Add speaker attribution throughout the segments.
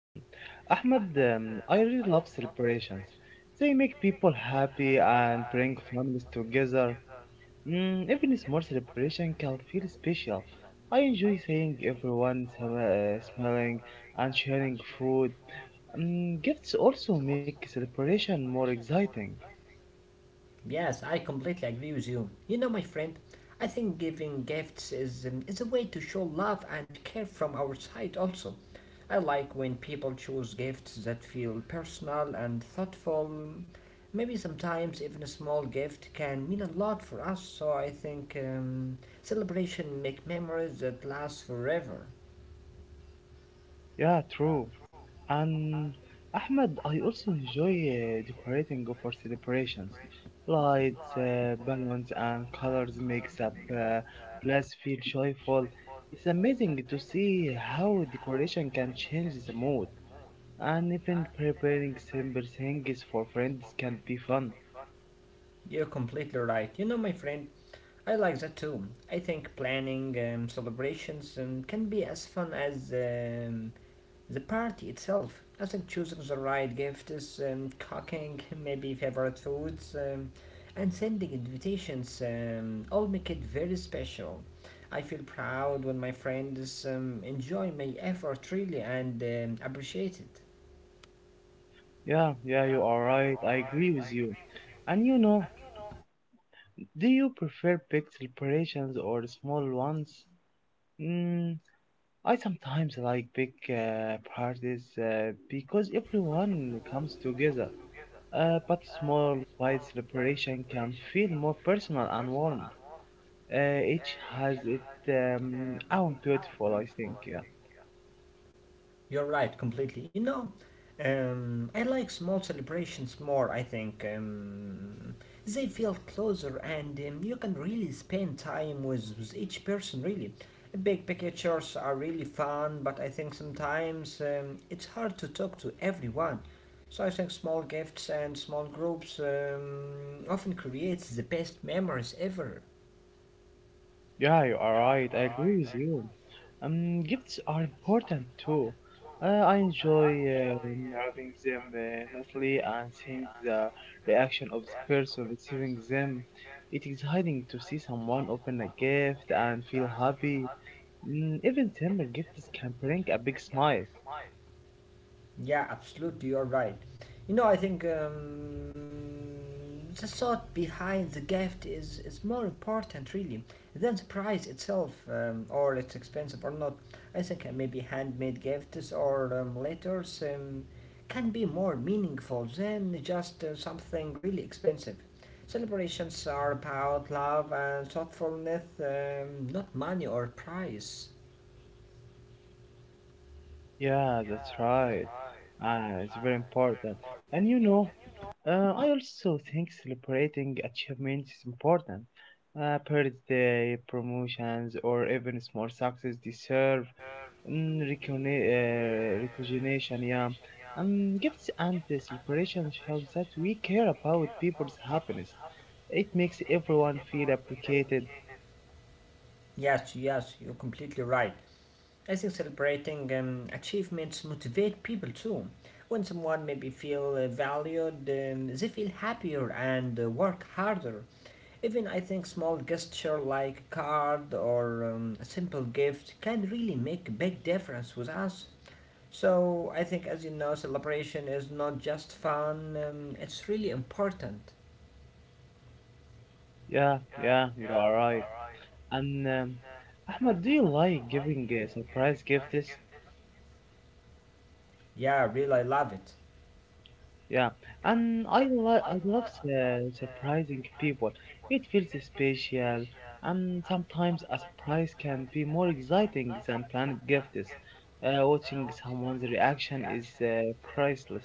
Speaker 1: Mm. Ahmad, I really love celebrations. They make people happy and bring families together. Even a small celebration can feel special. I enjoy seeing everyone smiling and sharing food. Gifts also make celebration more exciting.
Speaker 2: Yes, I completely agree with you. You know, my friend, I think giving gifts is a way to show love and care from our side, also. I like when people choose gifts that feel personal and thoughtful. Maybe sometimes even a small gift can mean a lot for us, so I think celebration make memories that last forever.
Speaker 1: Yeah, true. And Ahmed, I also enjoy decorating for celebrations. Lights, balloons, and colors makes up place feel joyful. It's amazing to see how decoration can change the mood. And even preparing simple things for friends can be fun.
Speaker 2: You're completely right. You know, my friend, I like that too. I think planning celebrations can be as fun as the party itself. I think choosing the right gifts, cooking maybe favorite foods, and sending invitations all make it very special. I feel proud when my friends enjoy my effort really and appreciate it.
Speaker 1: Yeah, yeah, you are right. I agree with you. And you know, do you prefer big celebrations or small ones? Hmm, I sometimes like big parties because everyone comes together, but small, quiet celebration can feel more personal and warm. Each has its own beautiful, I think. Yeah.
Speaker 2: You're right, completely. You know, I like small celebrations more, I think. They feel closer and you can really spend time with each person, really. Big pictures are really fun, but I think sometimes it's hard to talk to everyone. So I think small gifts and small groups often creates the best memories ever.
Speaker 1: Yeah, you are right. I agree with you. Gifts are important too. I enjoy wrapping them nicely and seeing the reaction of the person receiving them. It is exciting to see someone open a gift and feel happy. Even simple gifts can bring a big smile.
Speaker 2: Yeah, absolutely, you're right. You know, I think the thought behind the gift is more important, really, than the price itself, or it's expensive or not. I think maybe handmade gifts or letters can be more meaningful than just something really expensive. Celebrations are about love and thoughtfulness, not money or price.
Speaker 1: Yeah, that's right. Ah, it's very important. And you know, I also think celebrating achievements is important. Birthday, promotions, or even small success deserve recognition. Yeah, gifts and celebration shows that we care about people's happiness. It makes everyone feel appreciated.
Speaker 2: Yes, yes, you're completely right. I think celebrating achievements motivate people too. When someone maybe feel valued, they feel happier and work harder. Even I think small gesture like a card or a simple gift can really make a big difference with us. So I think, as you know, celebration is not just fun; it's really important.
Speaker 1: Yeah, yeah, you are right. And Ahmed, do you like giving surprise gifts?
Speaker 2: Yeah, really, I love it.
Speaker 1: Yeah, and I love surprising people. It feels special, and sometimes a surprise can be more exciting than planned gifts. Watching someone's reaction is priceless.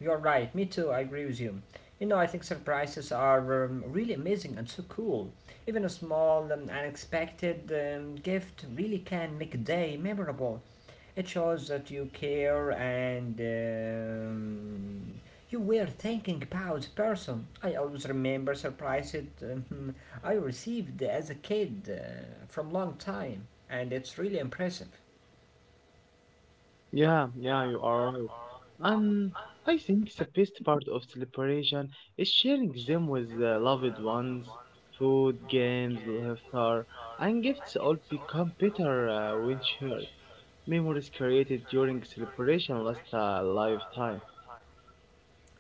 Speaker 2: You're right. Me too. I agree with you. You know, I think surprises are really amazing and so cool. Even a small, unexpected gift really can make a day memorable. It shows that you care and you were thinking about the person. I always remember surprises I received as a kid from long time, and it's really impressive.
Speaker 1: Yeah, yeah, you are right. And I think the best part of celebration is sharing them with the loved ones. Food, games, laughter, and gifts all become better when shared. Memories created during celebration last a lifetime.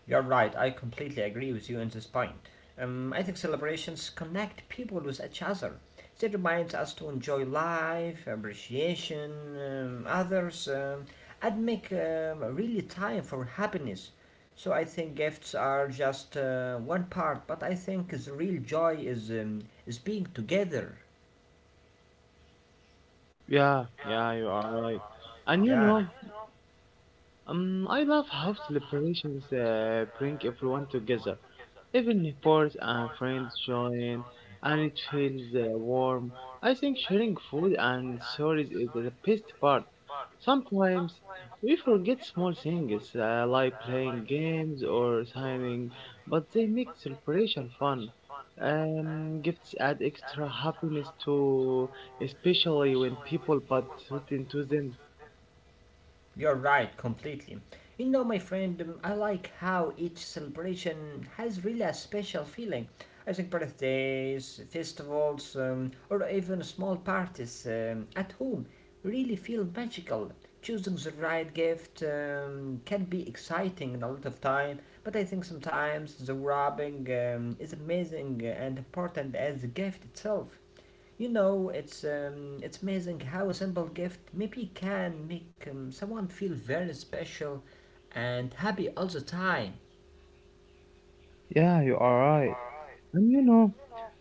Speaker 2: You're right, I completely agree with you on this point. I think celebrations connect people with each other. They remind us to enjoy life, appreciation, others, and make really time for happiness. So I think gifts are just one part, but I think the real joy is being together.
Speaker 1: Yeah, yeah, you are right. And you
Speaker 2: Yeah.
Speaker 1: know, I love how celebrations bring everyone together. Even neighbors and friends join, and it feels warm. I think sharing food and stories is the best part. Sometimes we forget small things like playing games or signing, but they make celebration fun. Gifts add extra happiness to, especially when people put thought into them.
Speaker 2: You're right, completely. You know, my friend, I like how each celebration has really a special feeling. I think birthdays, festivals, or even small parties at home really feel magical. Choosing the right gift can be exciting and a lot of time, but I think sometimes the wrapping is amazing and important as the gift itself. You know, it's amazing how a simple gift maybe can make someone feel very special and happy all the time.
Speaker 1: Yeah, you are right. And you know,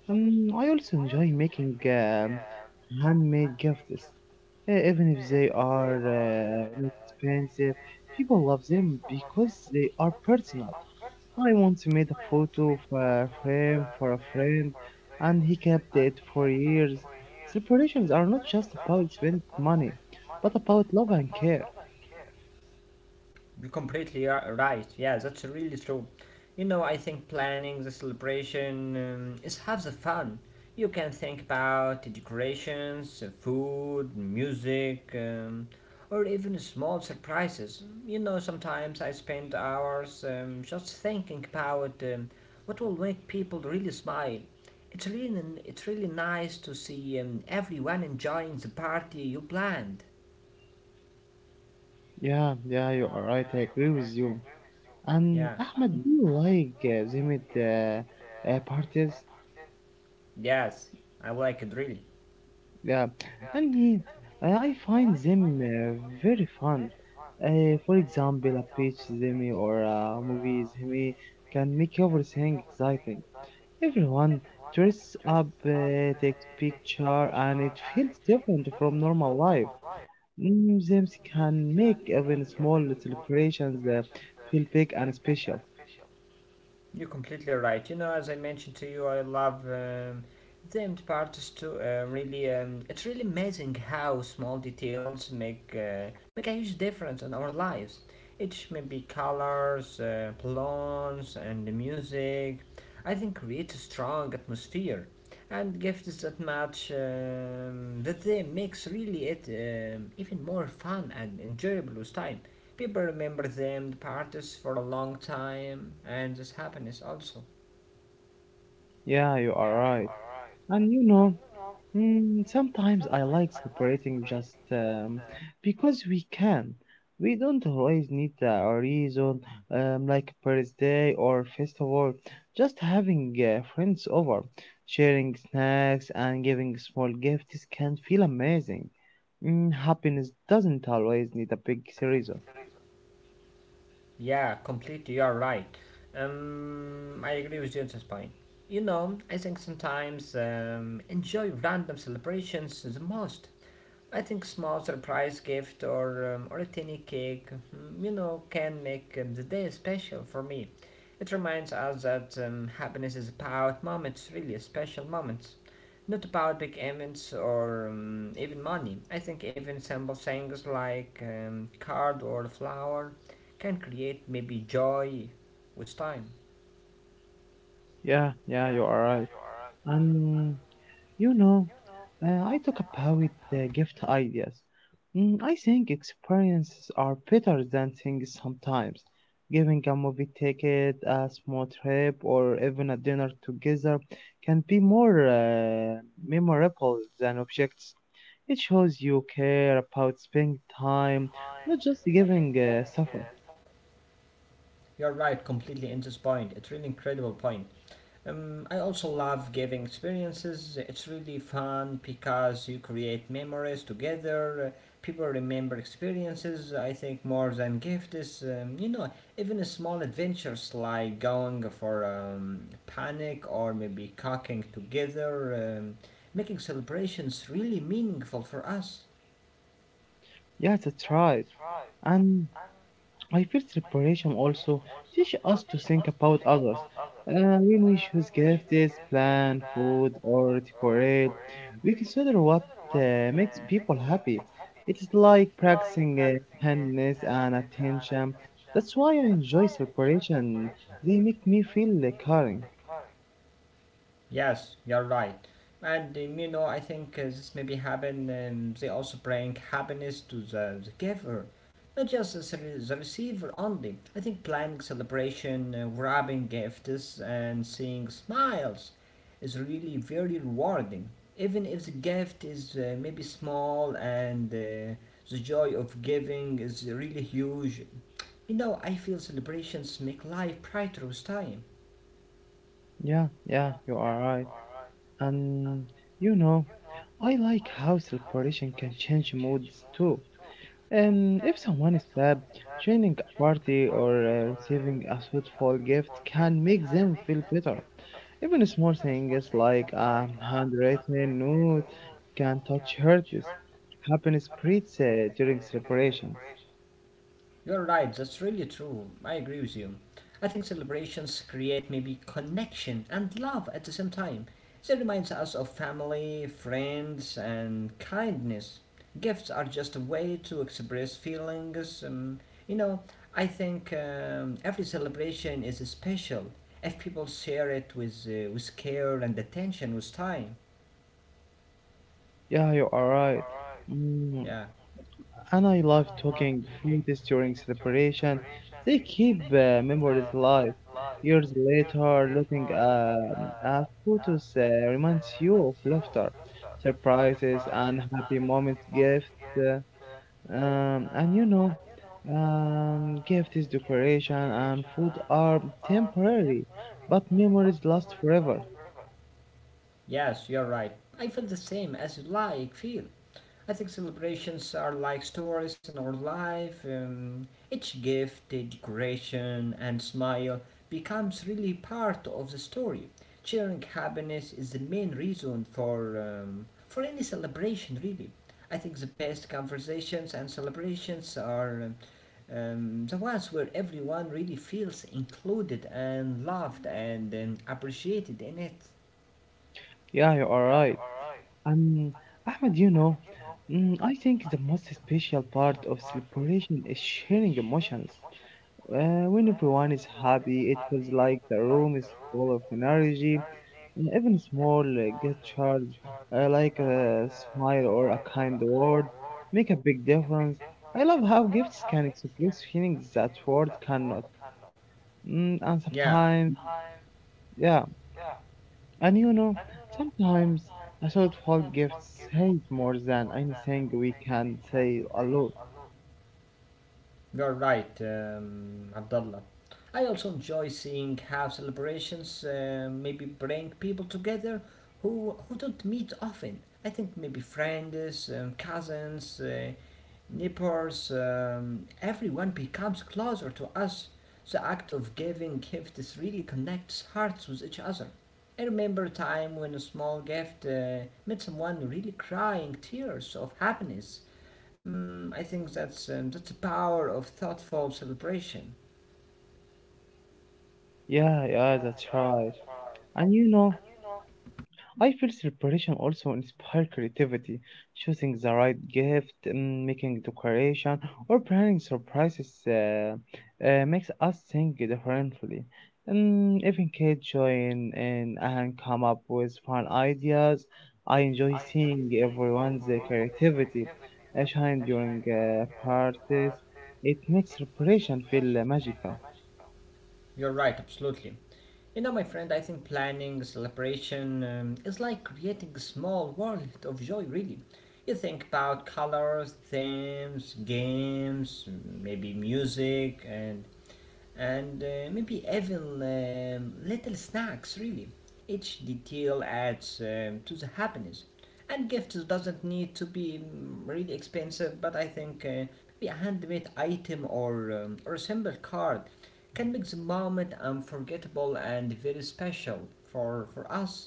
Speaker 1: I also enjoy making handmade gifts, even if they are expensive. People love them because they are personal. I once made a photo of a frame for a friend, and he kept it for years. Celebrations are not just about spending money, but about love and care.
Speaker 2: You're completely right. Yeah, that's really true. You know, I think planning the celebration is half the fun. You can think about the decorations, food, music, or even small surprises. You know, sometimes I spend hours just thinking about what will make people really smile. It's really nice to see everyone enjoying the party you planned.
Speaker 1: Yeah, yeah, you are right. I agree with you. And
Speaker 2: Yeah.
Speaker 1: Ahmed, do you like Zimit parties?
Speaker 2: Yes, I like it really.
Speaker 1: Yeah, I mean, I find them very fun. For example, a pitch Zimmy or a movie Zimmy can make everything exciting. Everyone dress up, takes picture, and it feels different from normal life. Zims can make even small celebrations feel big and special.
Speaker 2: You're completely right. You know, as I mentioned to you, I love the empty part is too really. It's really amazing how small details make a huge difference in our lives. Each maybe colors, plants, and the music. I think creates a strong atmosphere, and gifts that match that they makes really it even more fun and enjoyable with time. People remember them the parties for a long time, and this happiness also.
Speaker 1: Yeah, you are right. And you know, sometimes I like celebrating just because we can. We don't always need a reason, like birthday or festival. Just having friends over, sharing snacks, and giving small gifts can feel amazing. Happiness doesn't always need a big reason.
Speaker 2: Yeah, completely. You're right. I agree with James's point. You know, I think sometimes enjoy random celebrations the most. I think small surprise gift or or a tiny cake, mm, you know, can make the day special for me. It reminds us that happiness is about moments, really special moments, not about big events or even money. I think even simple things like card or flower can create maybe joy with time.
Speaker 1: Yeah, yeah, you are right. And you know, I talk about the gift ideas. I think experiences are better than things sometimes. Giving a movie ticket, a small trip, or even a dinner together can be more memorable than objects. It shows you care about spending time, not just giving suffer.
Speaker 2: You're right, completely in this point. It's really incredible point. I also love giving experiences. It's really fun because you create memories together. People remember experiences, I think, more than gifts. You know, even small adventures like going for panic or maybe cooking together, making celebrations really meaningful for us.
Speaker 1: Yes, that's right. And I feel separation also teach us to think about others. When we choose gifts, plan, food, or decorate, we consider what makes people happy. It is like practicing kindness and attention. That's why I enjoy separation. They make me feel caring.
Speaker 2: Yes, you're right. And you know, I think this maybe happen. They also bring happiness to the giver, not just the receiver only. I think planning celebration, grabbing gifts, and seeing smiles is really very rewarding. Even if the gift is maybe small and the joy of giving is really huge. You know, I feel celebrations make life brighter with time.
Speaker 1: Yeah, yeah, you are right. And you know, I like how separation can change moods too. If someone is stabbed, joining a party or receiving a suitable gift can make them feel better. Even small things like a handwritten note can touch hurts. Happiness spreads during celebrations.
Speaker 2: You're right, that's really true. I agree with you. I think celebrations create maybe connection and love at the same time. They reminds us of family, friends, and kindness. Gifts are just a way to express feelings. You know, I think every celebration is special if people share it with care and attention with time.
Speaker 1: Yeah, you are right. Mm,
Speaker 2: Yeah,
Speaker 1: and I love talking foodies during celebration. They keep memories alive. Years later, looking at photos reminds you of laughter, surprises, and happy moments. Uh, and you know, gift is decoration, and food are temporary, but memories last forever.
Speaker 2: yes, you're right. I feel the same as you like, feel. I think celebrations are like stories in our life. Each gift, decoration, and smile becomes really part of the story. Sharing happiness is the main reason for any celebration, really. I think the best conversations and celebrations are the ones where everyone really feels included and loved and appreciated in it.
Speaker 1: Yeah, you are right. Um, Ahmed, you know, I think the most special part of celebration is sharing emotions. When everyone is happy, it feels like the room is full of energy. And even small gestures, like a smile or a kind word, make a big difference. I love how gifts can express feelings that words cannot. And
Speaker 2: Yeah.
Speaker 1: sometimes, yeah. And you know, sometimes a thoughtful gift says more than anything we can say alone.
Speaker 2: You're right, Abdullah. I also enjoy seeing how celebrations maybe bring people together who don't meet often. I think maybe friends, cousins, neighbors, everyone becomes closer to us. The act of giving gifts really connects hearts with each other. I remember a time when a small gift made someone really crying tears of happiness. Mm, I think that's the power of thoughtful celebration.
Speaker 1: Yeah, yeah, that's right. And you know, I feel celebration also inspires creativity. Choosing the right gift, making decoration, or planning surprises makes us think differently. And even kids join in and come up with fun ideas. I enjoy seeing everyone's creativity shine during parties. It makes celebration feel magical.
Speaker 2: You're right, absolutely. You know, my friend, I think planning, celebration is like creating a small world of joy, really. You think about colors, themes, games, maybe music, and maybe even little snacks, really. Each detail adds to the happiness. And gifts doesn't need to be mm, really expensive, but I think maybe a handmade item or or a simple card can make the moment unforgettable and very special for us.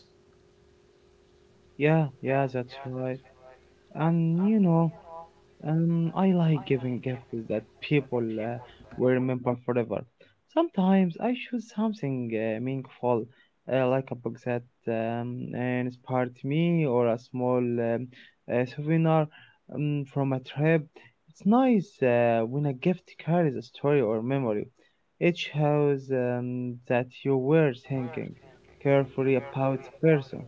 Speaker 1: Yeah, yeah, that's right. And you know, I like giving gifts that people will remember forever. Sometimes I choose something meaningful, like a book that inspired me or a small souvenir from a trip. It's nice when a gift carries a story or memory. It shows that you were thinking carefully about the person.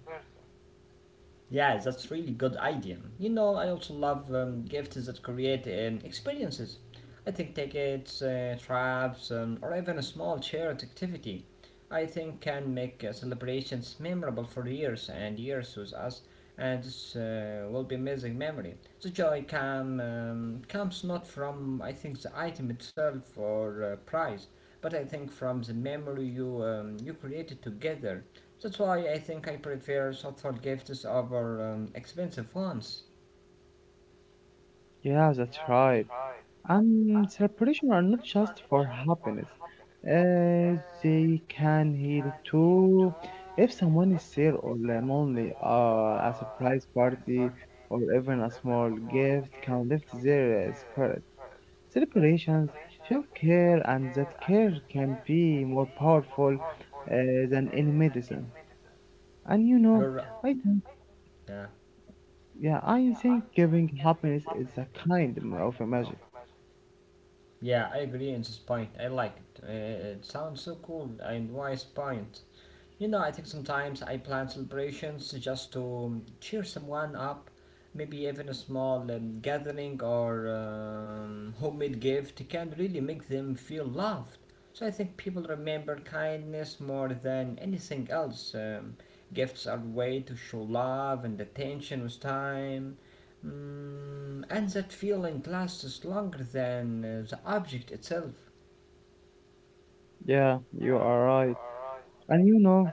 Speaker 2: Yeah, that's really good idea. You know, I also love gifts that create experiences. I think tickets, traps, or even a small charity activity. I think can make celebrations memorable for years and years with us, and this will be amazing memory. The joy comes not from I think the item itself or prize, but I think from the memory you you created together. That's why I think I prefer thoughtful gifts over expensive ones.
Speaker 1: Yeah, that's right. And celebration are not just for happiness. Uh, they can heal too. If someone is sad or lonely, a surprise party or even a small gift can lift their spirit. Celebrations show care, and that care can be more powerful uh, than any medicine. And you know,
Speaker 2: You're right.
Speaker 1: I think,
Speaker 2: Yeah,
Speaker 1: yeah, I think giving happiness is a kind of a magic.
Speaker 2: yeah, I agree on this point. I like it. It sounds so cool and wise point. You know, I think sometimes I plan celebrations just to cheer someone up, maybe even a small gathering or homemade gift can really make them feel loved. So I think people remember kindness more than anything else. Gifts are a way to show love and attention with time. Mm, and that feeling lasts longer than the object itself.
Speaker 1: Yeah, you are right. And you know.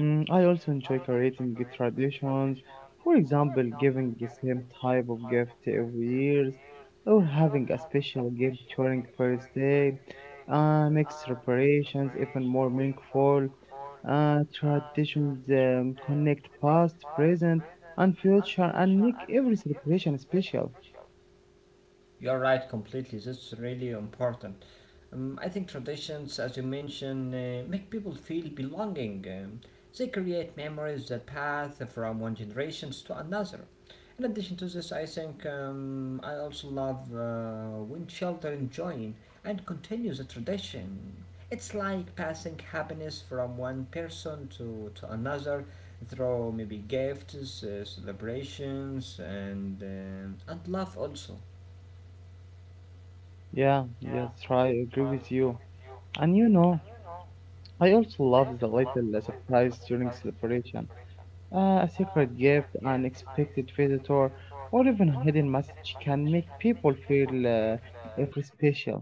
Speaker 1: I also enjoy creating traditions, for example, giving the same type of gift every year, or having a special gift during first day. Makes preparations even more meaningful. Traditions connect past, present, and future, and make every celebration special.
Speaker 2: You're right, completely. That's really important. I think traditions, as you mentioned, make people feel belonging. They create memories that pass from one generations to another. In addition to this, I think I also love when children join and continue the tradition. It's like passing happiness from one person to another through maybe gifts, celebrations, and love also.
Speaker 1: Yeah, yes, right. I agree with you. And you know, I also love the little surprise during celebration. A secret gift, an unexpected visitor, or even a hidden message can make people feel every special.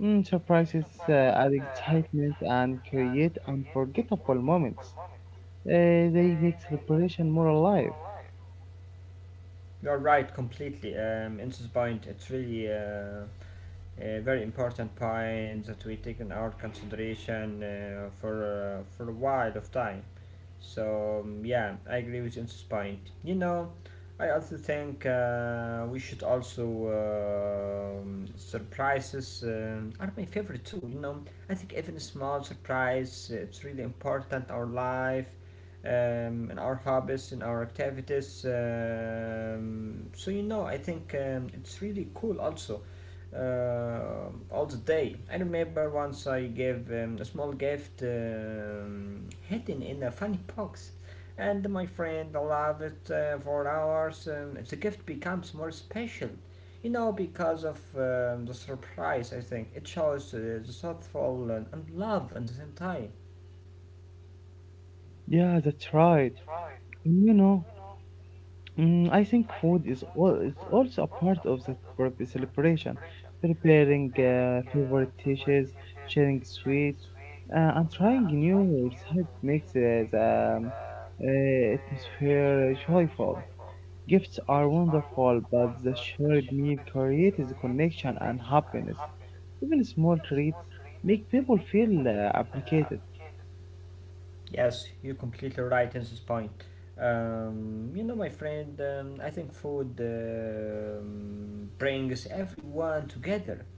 Speaker 1: Surprises add excitement and create unforgettable moments. They make celebration more alive.
Speaker 2: You're right, completely. Intis Bind, it's really a very important point that we take in our consideration for a while of time. So yeah, I agree with you on this point. You know, I also think we should also surprises are my favorite too. You know, I think even a small surprise it's really important in our life, in our hobbies, in our activities. So you know, I think it's really cool also all the day. I remember once I gave a small gift hidden in a funny box, and my friend loved it for hours. The gift becomes more special, you know, because of the surprise. I think it shows the thoughtful and love at the same time.
Speaker 1: Yeah, that's right. And you know, I think food is also a part of the celebration, preparing favorite dishes, sharing sweets, and trying new recipes makes the atmosphere joyful. Gifts are wonderful, but the shared meal creates the connection and happiness. Even small treats make people feel appreciated.
Speaker 2: Yes, you are completely right in this point. You know, my friend, I think food brings everyone together.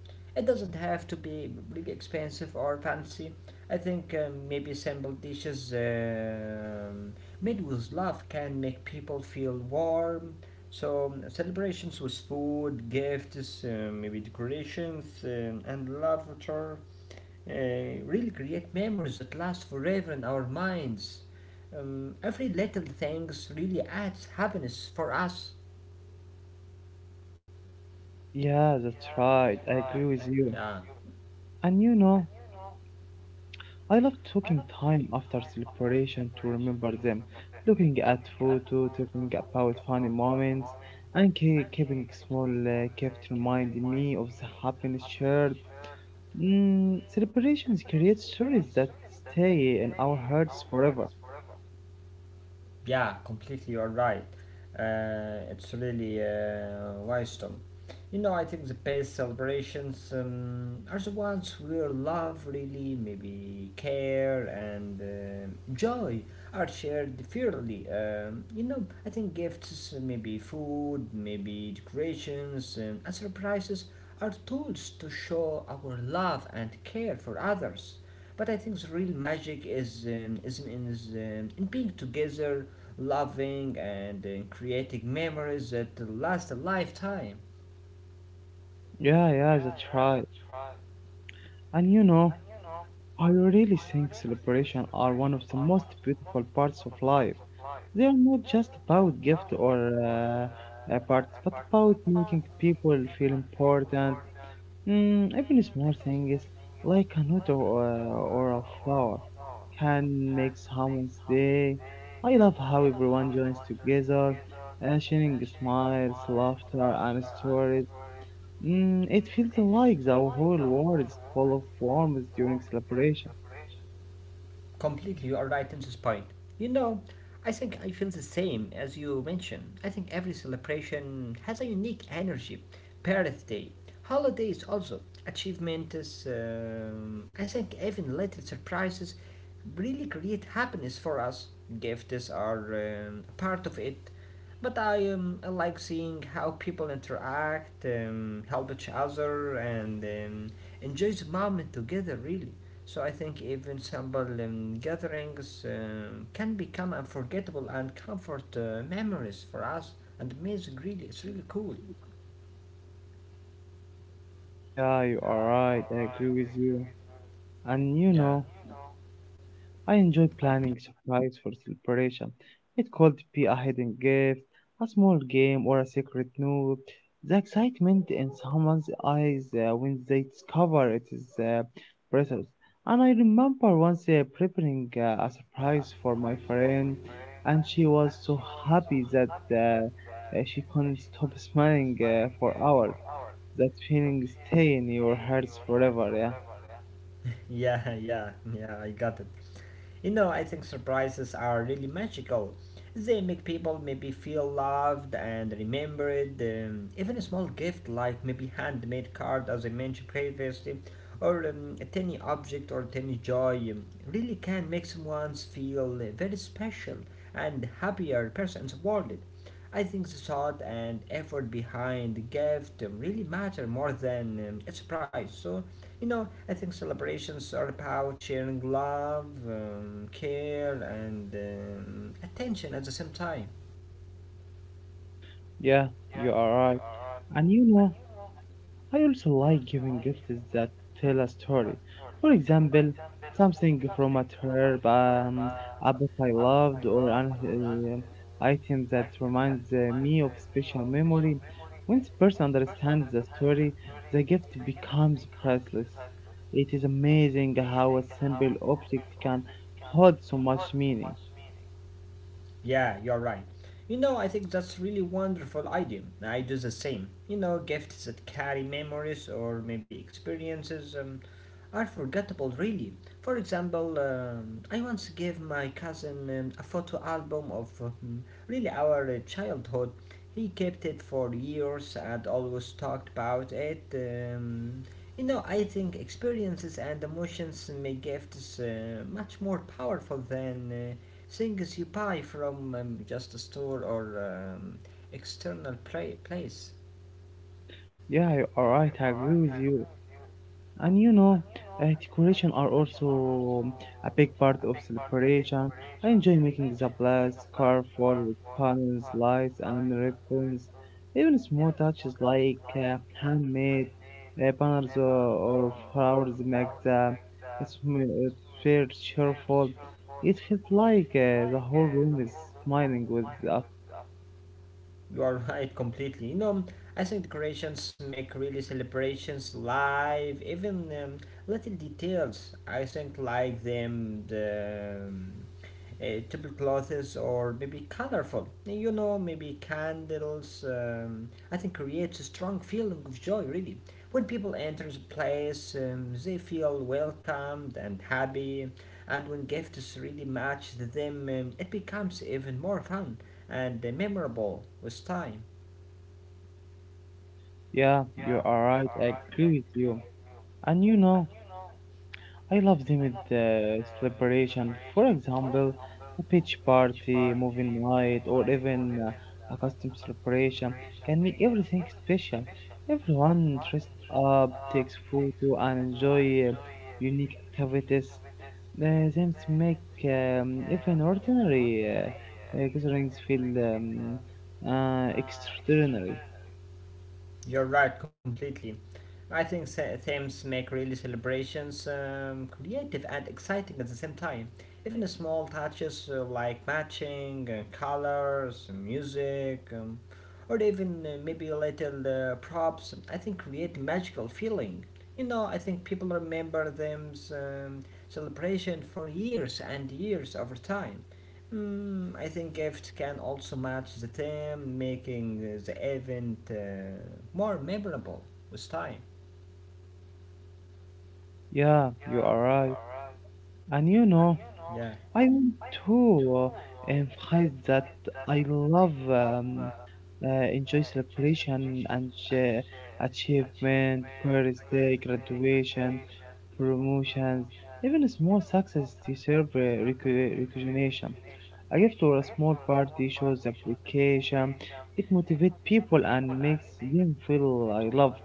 Speaker 2: It doesn't have to be really expensive or fancy. I think maybe simple dishes made with love can make people feel warm. So, celebrations with food, gifts, maybe decorations, and laughter really create memories that last forever in our minds. Every little things really adds happiness for us.
Speaker 1: Yeah, that's right. I agree with you. And you know, I love taking time after celebration to remember them, looking at photo, talking about funny moments, and keeping small kept remind me of the happiness shared. Celebrations create stories that stay in our hearts forever.
Speaker 2: Yeah, completely you're right. It's really wisdom. You know, I think the best celebrations are the ones where love, really, maybe care and joy are shared fairly. You know, I think gifts, maybe food, maybe decorations, and surprises are tools to show our love and care for others. But I think the real magic is in being together, loving, and creating memories that last a lifetime.
Speaker 1: Yeah, yeah, that's right. And you know, I really think celebration are one of the most beautiful parts of life. They are not just about gift or parts, but about making people feel important. Even small things like a note or a flower can make someone's day. I love how everyone joins together, sharing smiles, laughter, and stories. It feels like the whole world is full of warmth during celebration.
Speaker 2: Completely, you are right in this point. You know, I think I feel the same as you mentioned. I think every celebration has a unique energy. Birthday, holidays, also achievements. I think even little surprises really create happiness for us. Gifts are a part of it. But I like seeing how people interact, help each other, and enjoy the moment together, really. So I think even simple gatherings can become unforgettable and comfort memories for us. And amazing, really, it's really cool.
Speaker 1: Yeah, you are right. I agree with you. And you
Speaker 2: Yeah.
Speaker 1: know, I enjoy planning surprise for celebration. It could be a hidden gift, a small game, or a secret note. The excitement in someone's eyes when they discover it is priceless. And I remember once preparing a surprise for my friend, and she was so happy that she couldn't stop smiling for hours. That feeling stay in your hearts forever. Yeah,
Speaker 2: Yeah, yeah, yeah. I got it. You know, I think surprises are really magical. They make people maybe feel loved and remembered. Even a small gift like maybe handmade card, as I mentioned previously, or a tiny object or tiny joy, really can make someone feel very special and happier person in the world. I think the thought and effort behind the gift really matter more than a surprise. So you know, I think celebrations are about sharing love, care, and attention at the same time.
Speaker 1: yeah, you are right. And you know, I also like giving gifts that tell a story. For example, something from a trip, a book I loved, or an item that reminds me of special memory. When the person understands the story, the gift becomes priceless. It is amazing how a simple object can hold so much meaning.
Speaker 2: Yeah, you're right. You know, I think that's really wonderful idea. I do the same. You know, gifts that carry memories or maybe experiences are forgettable, really. For example, I once gave my cousin a photo album of really our childhood. He kept it for years and always talked about it. You know, I think experiences and emotions make gifts much more powerful than things you buy from just a store or external place.
Speaker 1: Yeah, you are right. I agree with you. And you know, decoration are also a big part of celebration. I enjoy making the blast scarf wall with panels, lights, and ribbons. Even small touches like handmade banners or flowers make the atmosphere cheerful. It feels like the whole room is smiling with us.
Speaker 2: You are right completely. You know, I think decorations make really celebrations live, even little details. I think like them the tablecloths or maybe colorful. You know, maybe candles. I think creates a strong feeling of joy. Really, when people enter the place, they feel welcomed and happy. And when gifts really match them, it becomes even more fun and the memorable with time.
Speaker 1: Yeah, you are right. I agree with you. And you know. I love them with celebration. For example, a pitch party, moving night, or even a custom celebration can make everything special. Everyone dressed up, takes photo, and enjoy unique activities. Them make even ordinary gatherings feel extraordinary.
Speaker 2: You're right completely. I think themes make really celebrations creative and exciting at the same time. Even small touches like matching, colors, music, or even maybe a little props, I think create magical feeling. You know, I think people remember them celebration for years and years over time. Mm, I think gift can also match the theme, making the event more memorable was time.
Speaker 1: Yeah, you are right. And you know. I want to emphasize that I love uh, enjoy celebration and achievement, birthday, graduation, promotions, even small success deserve recognition. A gift or a small party shows appreciation. It motivates people and makes them feel I love.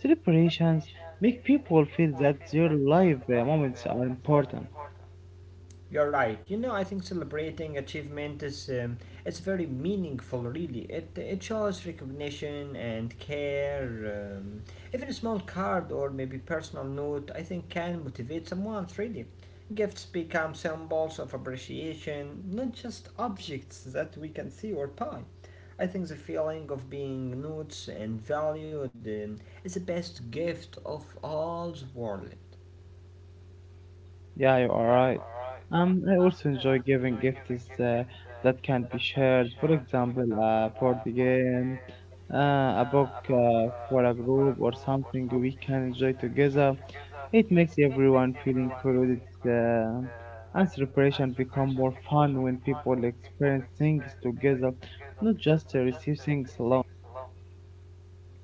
Speaker 1: Celebrations make people feel that their life moments are important.
Speaker 2: You're right. You know, I think celebrating achievement is it's very meaningful. Really, it shows recognition and care. Even a small card or maybe personal note, I think, can motivate someone. Really, gifts become symbols of appreciation, not just objects that we can see or buy. I think the feeling of being noticed and valued is the best gift of all the world.
Speaker 1: Yeah, you are right. I also enjoy giving gifts uh, that can be shared. For example, a board game, a book for a group, or something we can enjoy together. It makes everyone feel included, uh, and celebration become more fun when people experience things together, not just receive things alone.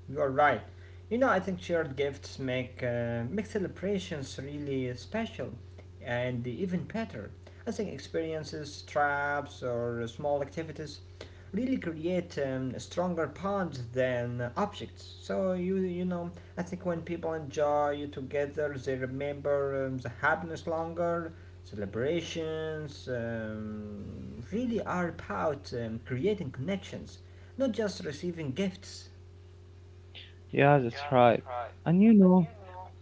Speaker 2: You're right. You know, I think shared gifts make celebrations really special and even better. I think experiences, traps, or small activities really create stronger bonds than objects. So you know, I think when people enjoy together, they remember the happiness longer. Celebrations really are about creating connections, not just receiving gifts.
Speaker 1: Yeah, that's right. And you know,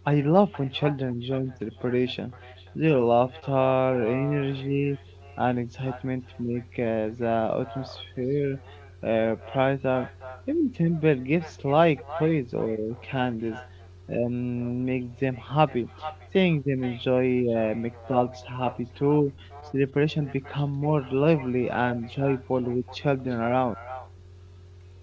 Speaker 1: I love when children join the preparation. Their laughter, energy, and excitement make the atmosphere brighter. Even simple gifts like toys or candies make them happy. Seeing them enjoy make adults happy too. Celebration become more lively and joyful with children around.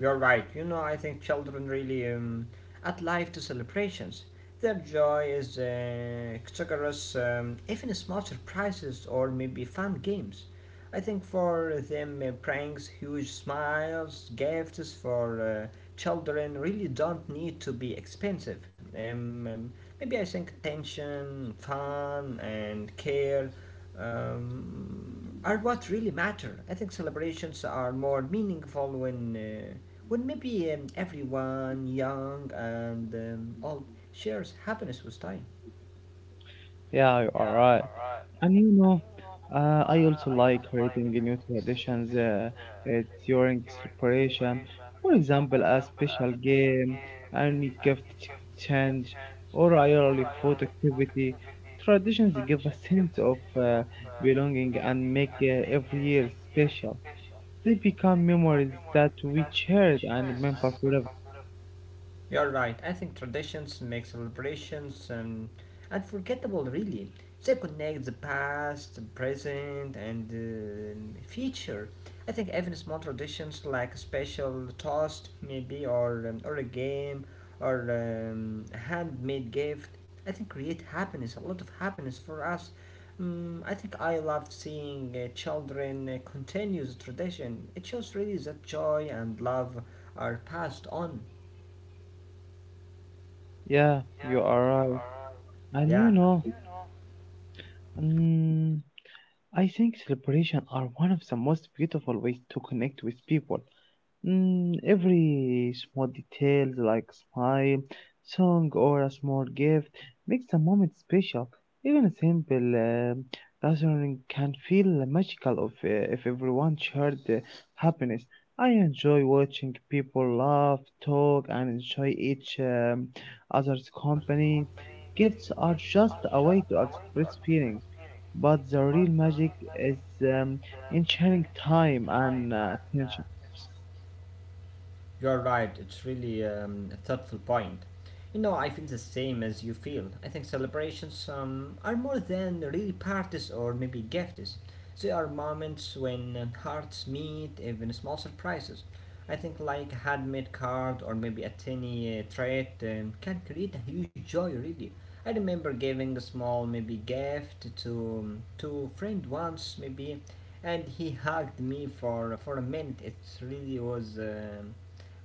Speaker 2: You're right, you know, I think children really add life to celebrations. Their joy is exuberance, even small surprises or maybe fun games. I think for them, pranks, huge smiles, gifts for children really don't need to be expensive. Maybe I think attention, fun, and care are what really matter. I think celebrations are more meaningful when maybe everyone, young and old, shares happiness with time.
Speaker 1: Yeah, you are right. And you know, I also like creating new traditions during celebration. For example, a special game, any gift exchange, or a yearly food activity. Traditions give a sense of belonging and make every year special. They become memories that we cherish and remember forever.
Speaker 2: You're right. I think traditions make celebrations unforgettable, really. They connect the past, the present, and the future. I think even small traditions like a special toast, maybe, or a game, or a handmade gift, I think create happiness, a lot of happiness for us. Mm, I think I love seeing children continue the tradition. It shows really that joy and love are passed on.
Speaker 1: Yeah, you are right. And you
Speaker 2: Yeah.
Speaker 1: know, mm I think celebrations are one of the most beautiful ways to connect with people. Mm, every small detail, like smile, song, or a small gift, makes the moment special. Even a simple gathering can feel magical if everyone shared the happiness. I enjoy watching people laugh, talk, and enjoy each other's company. Gifts are just a way to express feelings, but the real magic is um, in sharing time and attention.
Speaker 2: You're right, it's really a thoughtful point. You know, I feel the same as you feel. I think celebrations are more than really parties or maybe gifts. They are moments when hearts meet, even small surprises. I think like a handmade card or maybe a tiny trait can create a huge joy really. I remember giving a small maybe gift to friend once maybe, and he hugged me for a minute. It really was um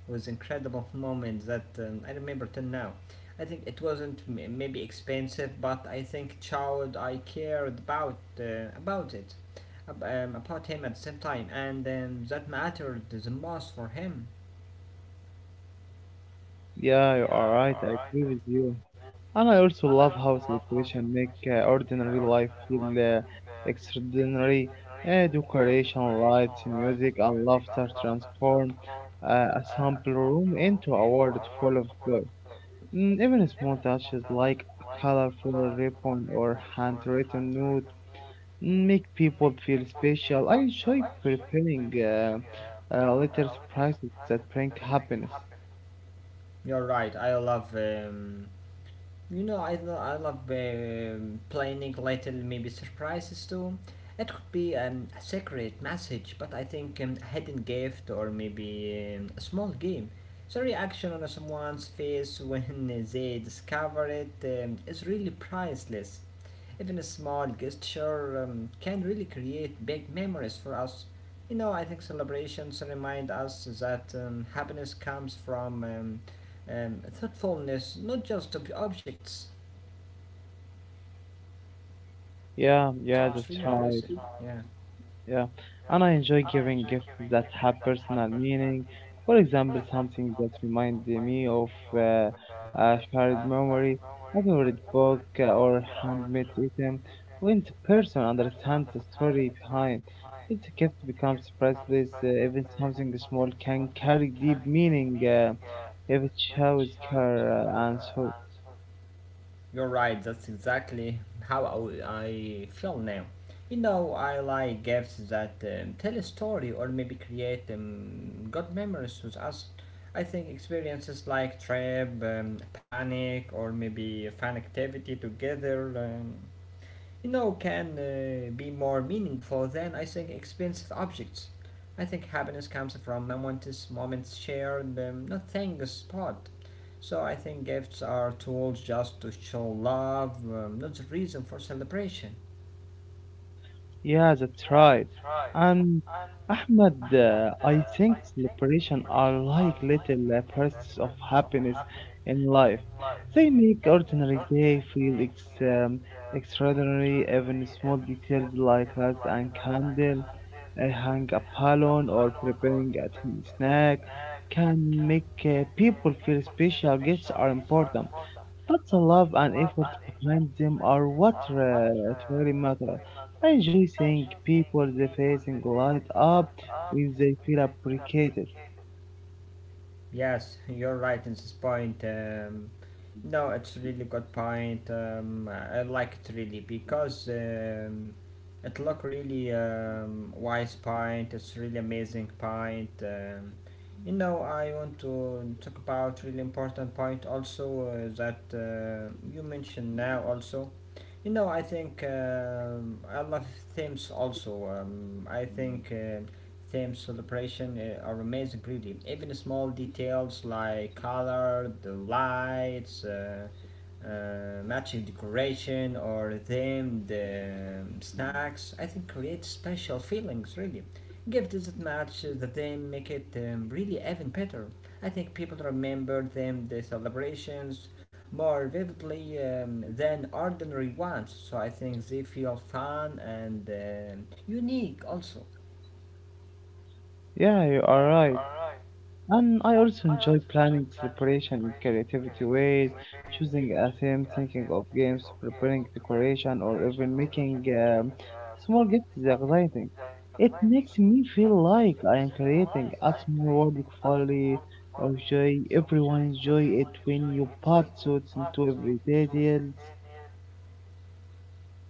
Speaker 2: was incredible moment that I remember till now. I think it wasn't maybe expensive, but I think child I cared about it, about him at the same time, and that mattered the most for him.
Speaker 1: Yeah, you are right. I agree with you. And I also love how celebration make ordinary life feel extraordinary. Decoration, lights, music, and laughter transform a sample room into a world full of joy. Mm, even small touches like a colorful ribbon or handwritten note mm, make people feel special. I enjoy preparing little surprises that bring happiness.
Speaker 2: You're right. I love. You know, I love planning little maybe surprises too. It could be a secret message, but I think a hidden gift or maybe a small game. So reaction on someone's face when they discover it is really priceless. Even a small gesture can really create big memories for us. You know, I think celebrations remind us that happiness comes from thoughtfulness, not just objects.
Speaker 1: Yeah, yeah,
Speaker 2: It's really
Speaker 1: that's
Speaker 2: impressive.
Speaker 1: right. Yeah, and I enjoy giving gifts that have personal meaning. For example, something that reminds me of uh, a shared memory, a favorite book, or handmade item. When the person understands the story behind it, the gift becomes priceless. Even something small can carry deep meaning if it shows care and so.
Speaker 2: You're right, that's exactly how I feel now. You know, I like gifts that tell a story or maybe create good memories with us. I think experiences like trip, panic, or maybe a fun activity together you know, can be more meaningful than I think expensive objects. I think happiness comes from momentous moments shared, not things bought. So I think gifts are tools just to show love, not the reason for celebration.
Speaker 1: Yeah, that's right. And Ahmed, I think celebration are like little bursts of happiness in life. They make ordinary day feel extraordinary. Even small details like lights and candle, hang a balloon, or preparing a tiny snack can make people feel special. Gifts are important, but the love and effort behind them are what really matter. I enjoy seeing people they facing light up when they feel appreciated.
Speaker 2: Yes, you're right in this point. No, it's really good point. I like it really because it look really wise point. It's really amazing point. You know, I want to talk about really important point also that you mentioned now also. You know, I think I love themes also. I think. Theme celebration are amazing really even small details like color the lights matching decoration or themed snacks I think create special feelings really gift doesn't match the theme make it really even better I think people remember them the celebrations more vividly than ordinary ones so I think they feel fun and unique also
Speaker 1: Yeah, you are right. And I also enjoy planning celebration in creativity ways, choosing a theme, thinking of games, preparing decoration, or even making small gifts is exciting. It makes me feel like I am creating a small world of folly or joy. Everyone enjoy it when you put thoughts into everyday details.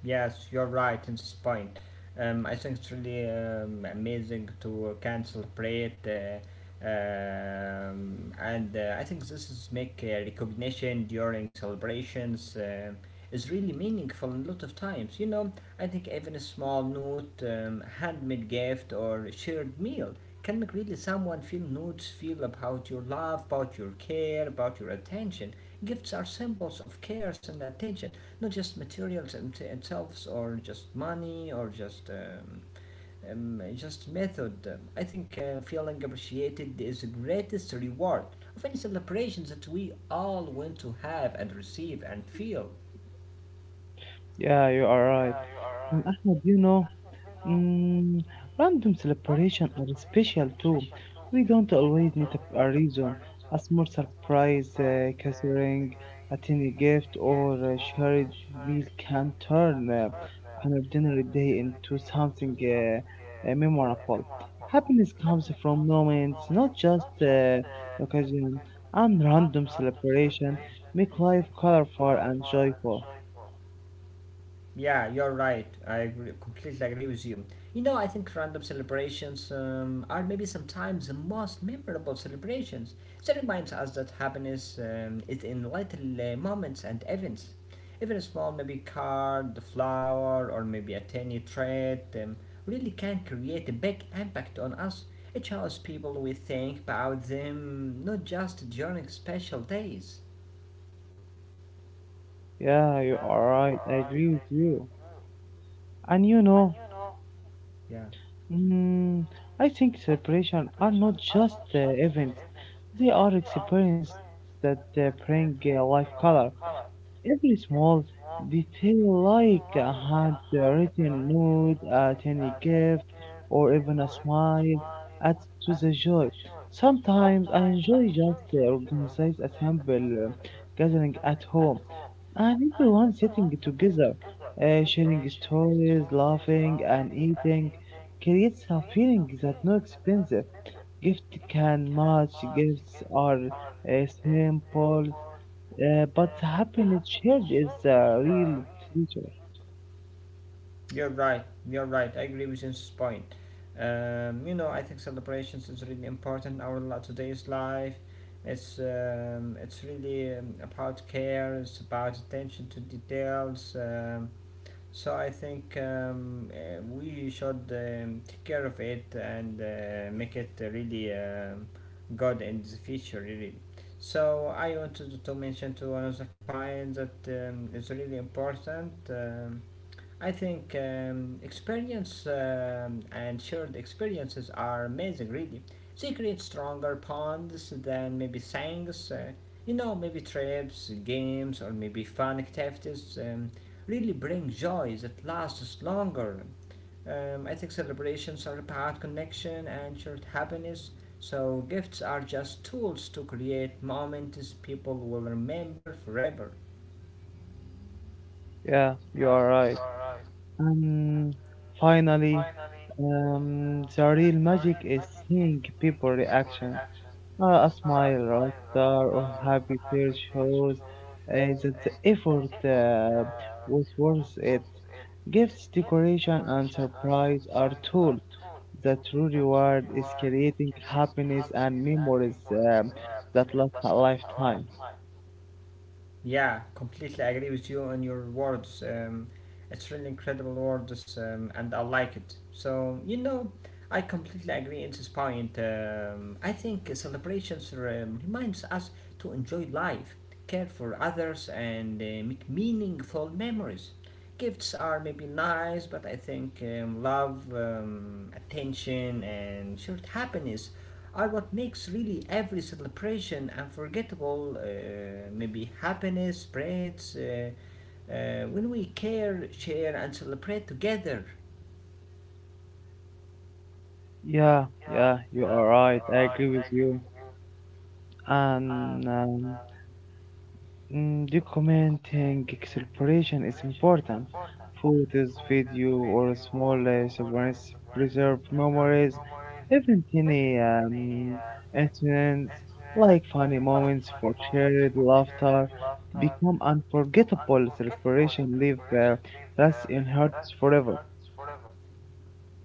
Speaker 2: Yes, you're right in this point. I think it's really amazing to cancel celebrate, and I think this is make recognition during celebrations is really meaningful a lot of times. You know, I think even a small note, handmade gift, or shared meal can make really someone feel notes, feel about your love, about your care, about your attention. Gifts are symbols of cares and attention not just materials themselves or just money or just method. I think feeling appreciated is the greatest reward of any celebrations that we all want to have and receive and feel.
Speaker 1: Yeah, you are right. And Ahmed, you know, mm, random celebration are special too. We don't always need a reason. A small surprise, catering, a tiny gift, or a shared meal can turn an ordinary day into something memorable. Happiness comes from moments, not just occasion. And random celebration make life colorful and joyful.
Speaker 2: Yeah, you're right. I agree, completely agree with you. You know, I think random celebrations are maybe sometimes the most memorable celebrations. They reminds us that happiness is in little moments and events. Even a small maybe card, flower, or maybe a tiny trait really can create a big impact on us. It shows people we think about them, not just during special days.
Speaker 1: Yeah, you are right. I agree with you. And you know,
Speaker 2: Yeah.
Speaker 1: mm, I think celebrations are not just events; they are experiences that bring life color. Every small detail, like a handwritten note, a tiny gift, or even a smile, adds to the joy. Sometimes I enjoy just organize a simple gathering at home, and everyone sitting together, sharing stories, laughing, and eating, creates a feeling that no expensive gift can match. Gifts are simple, but happiness shared is the real treasure.
Speaker 2: You're right. You're right. I agree with this point. You know, I think celebrations is really important in our today's life. It's really about care. It's about attention to details. So I think we should take care of it and make it really good in the future. Really. So I wanted to mention to another point that is really important. I think experience and shared experiences are amazing, really. They create stronger bonds than maybe things, you know, maybe trips, games, or maybe fun activities really bring joy that lasts longer. I think celebrations are about connection and shared happiness. So gifts are just tools to create moments people will remember forever.
Speaker 1: Yeah, you are right. And finally, the real magic is seeing people reaction. A smile, rock star, or happy tear shows uh, that the effort was worth it. Gifts, decoration, and surprise are tools. The true reward is creating happiness and memories that last a lifetime.
Speaker 2: Yeah, completely agree with you on your words. It's really incredible words, and I like it. So you know, I completely agree in this point. I think celebrations reminds us to enjoy life, care for others, and make meaningful memories. Gifts are maybe nice, but I think love, attention, and shared happiness are what makes really every celebration unforgettable. Maybe happiness spreads when we care, share, and celebrate together.
Speaker 1: Yeah, yeah, you are right. I agree with you. And mm, documenting exploration is important. Photos, video, or small souvenirs preserve memories. Even tiny incidents like funny moments for shared laughter become unforgettable. Celebration live lasts in hearts forever.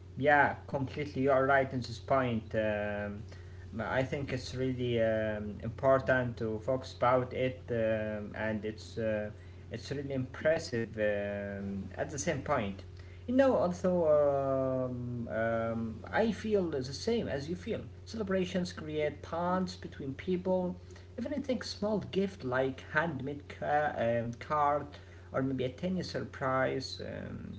Speaker 2: Yeah, completely. You are right in this point. I think it's really important to focus about it, and it's really impressive at the same point. You know, also I feel the same as you feel. Celebrations create bonds between people. Even I think small gift like handmade card or maybe a tiny surprise.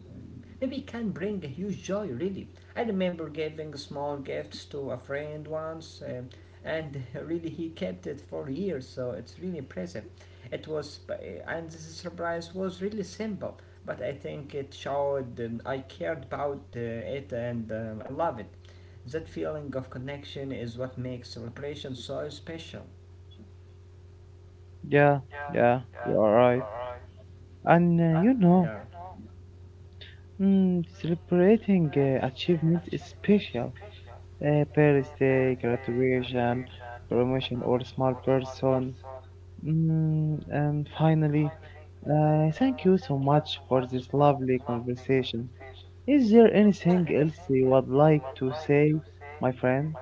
Speaker 2: Maybe it can bring a huge joy, really. I remember giving small gifts to a friend once, and really he kept it for years, so it's really impressive. It was, and this surprise was really simple, but I think it showed I cared about it and I love it. That feeling of connection is what makes celebration so special.
Speaker 1: Yeah, yeah, you are right. And you know, mm, celebrating achievement is special: a birthday, graduation, promotion, or small person. Mm, and finally, thank you so much for this lovely conversation. Is there anything else you would like to say, my friend?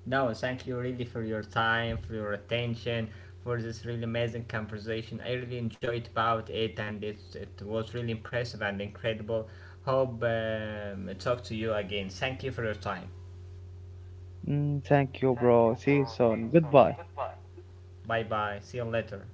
Speaker 2: No, thank you really for your time, for your attention, for this really amazing conversation. I really enjoyed about it, and it was really impressive and incredible. Hope I talk to you again. Thank you for your time.
Speaker 1: Mm, thank you, bro. See you soon. Goodbye.
Speaker 2: Bye bye. See you later.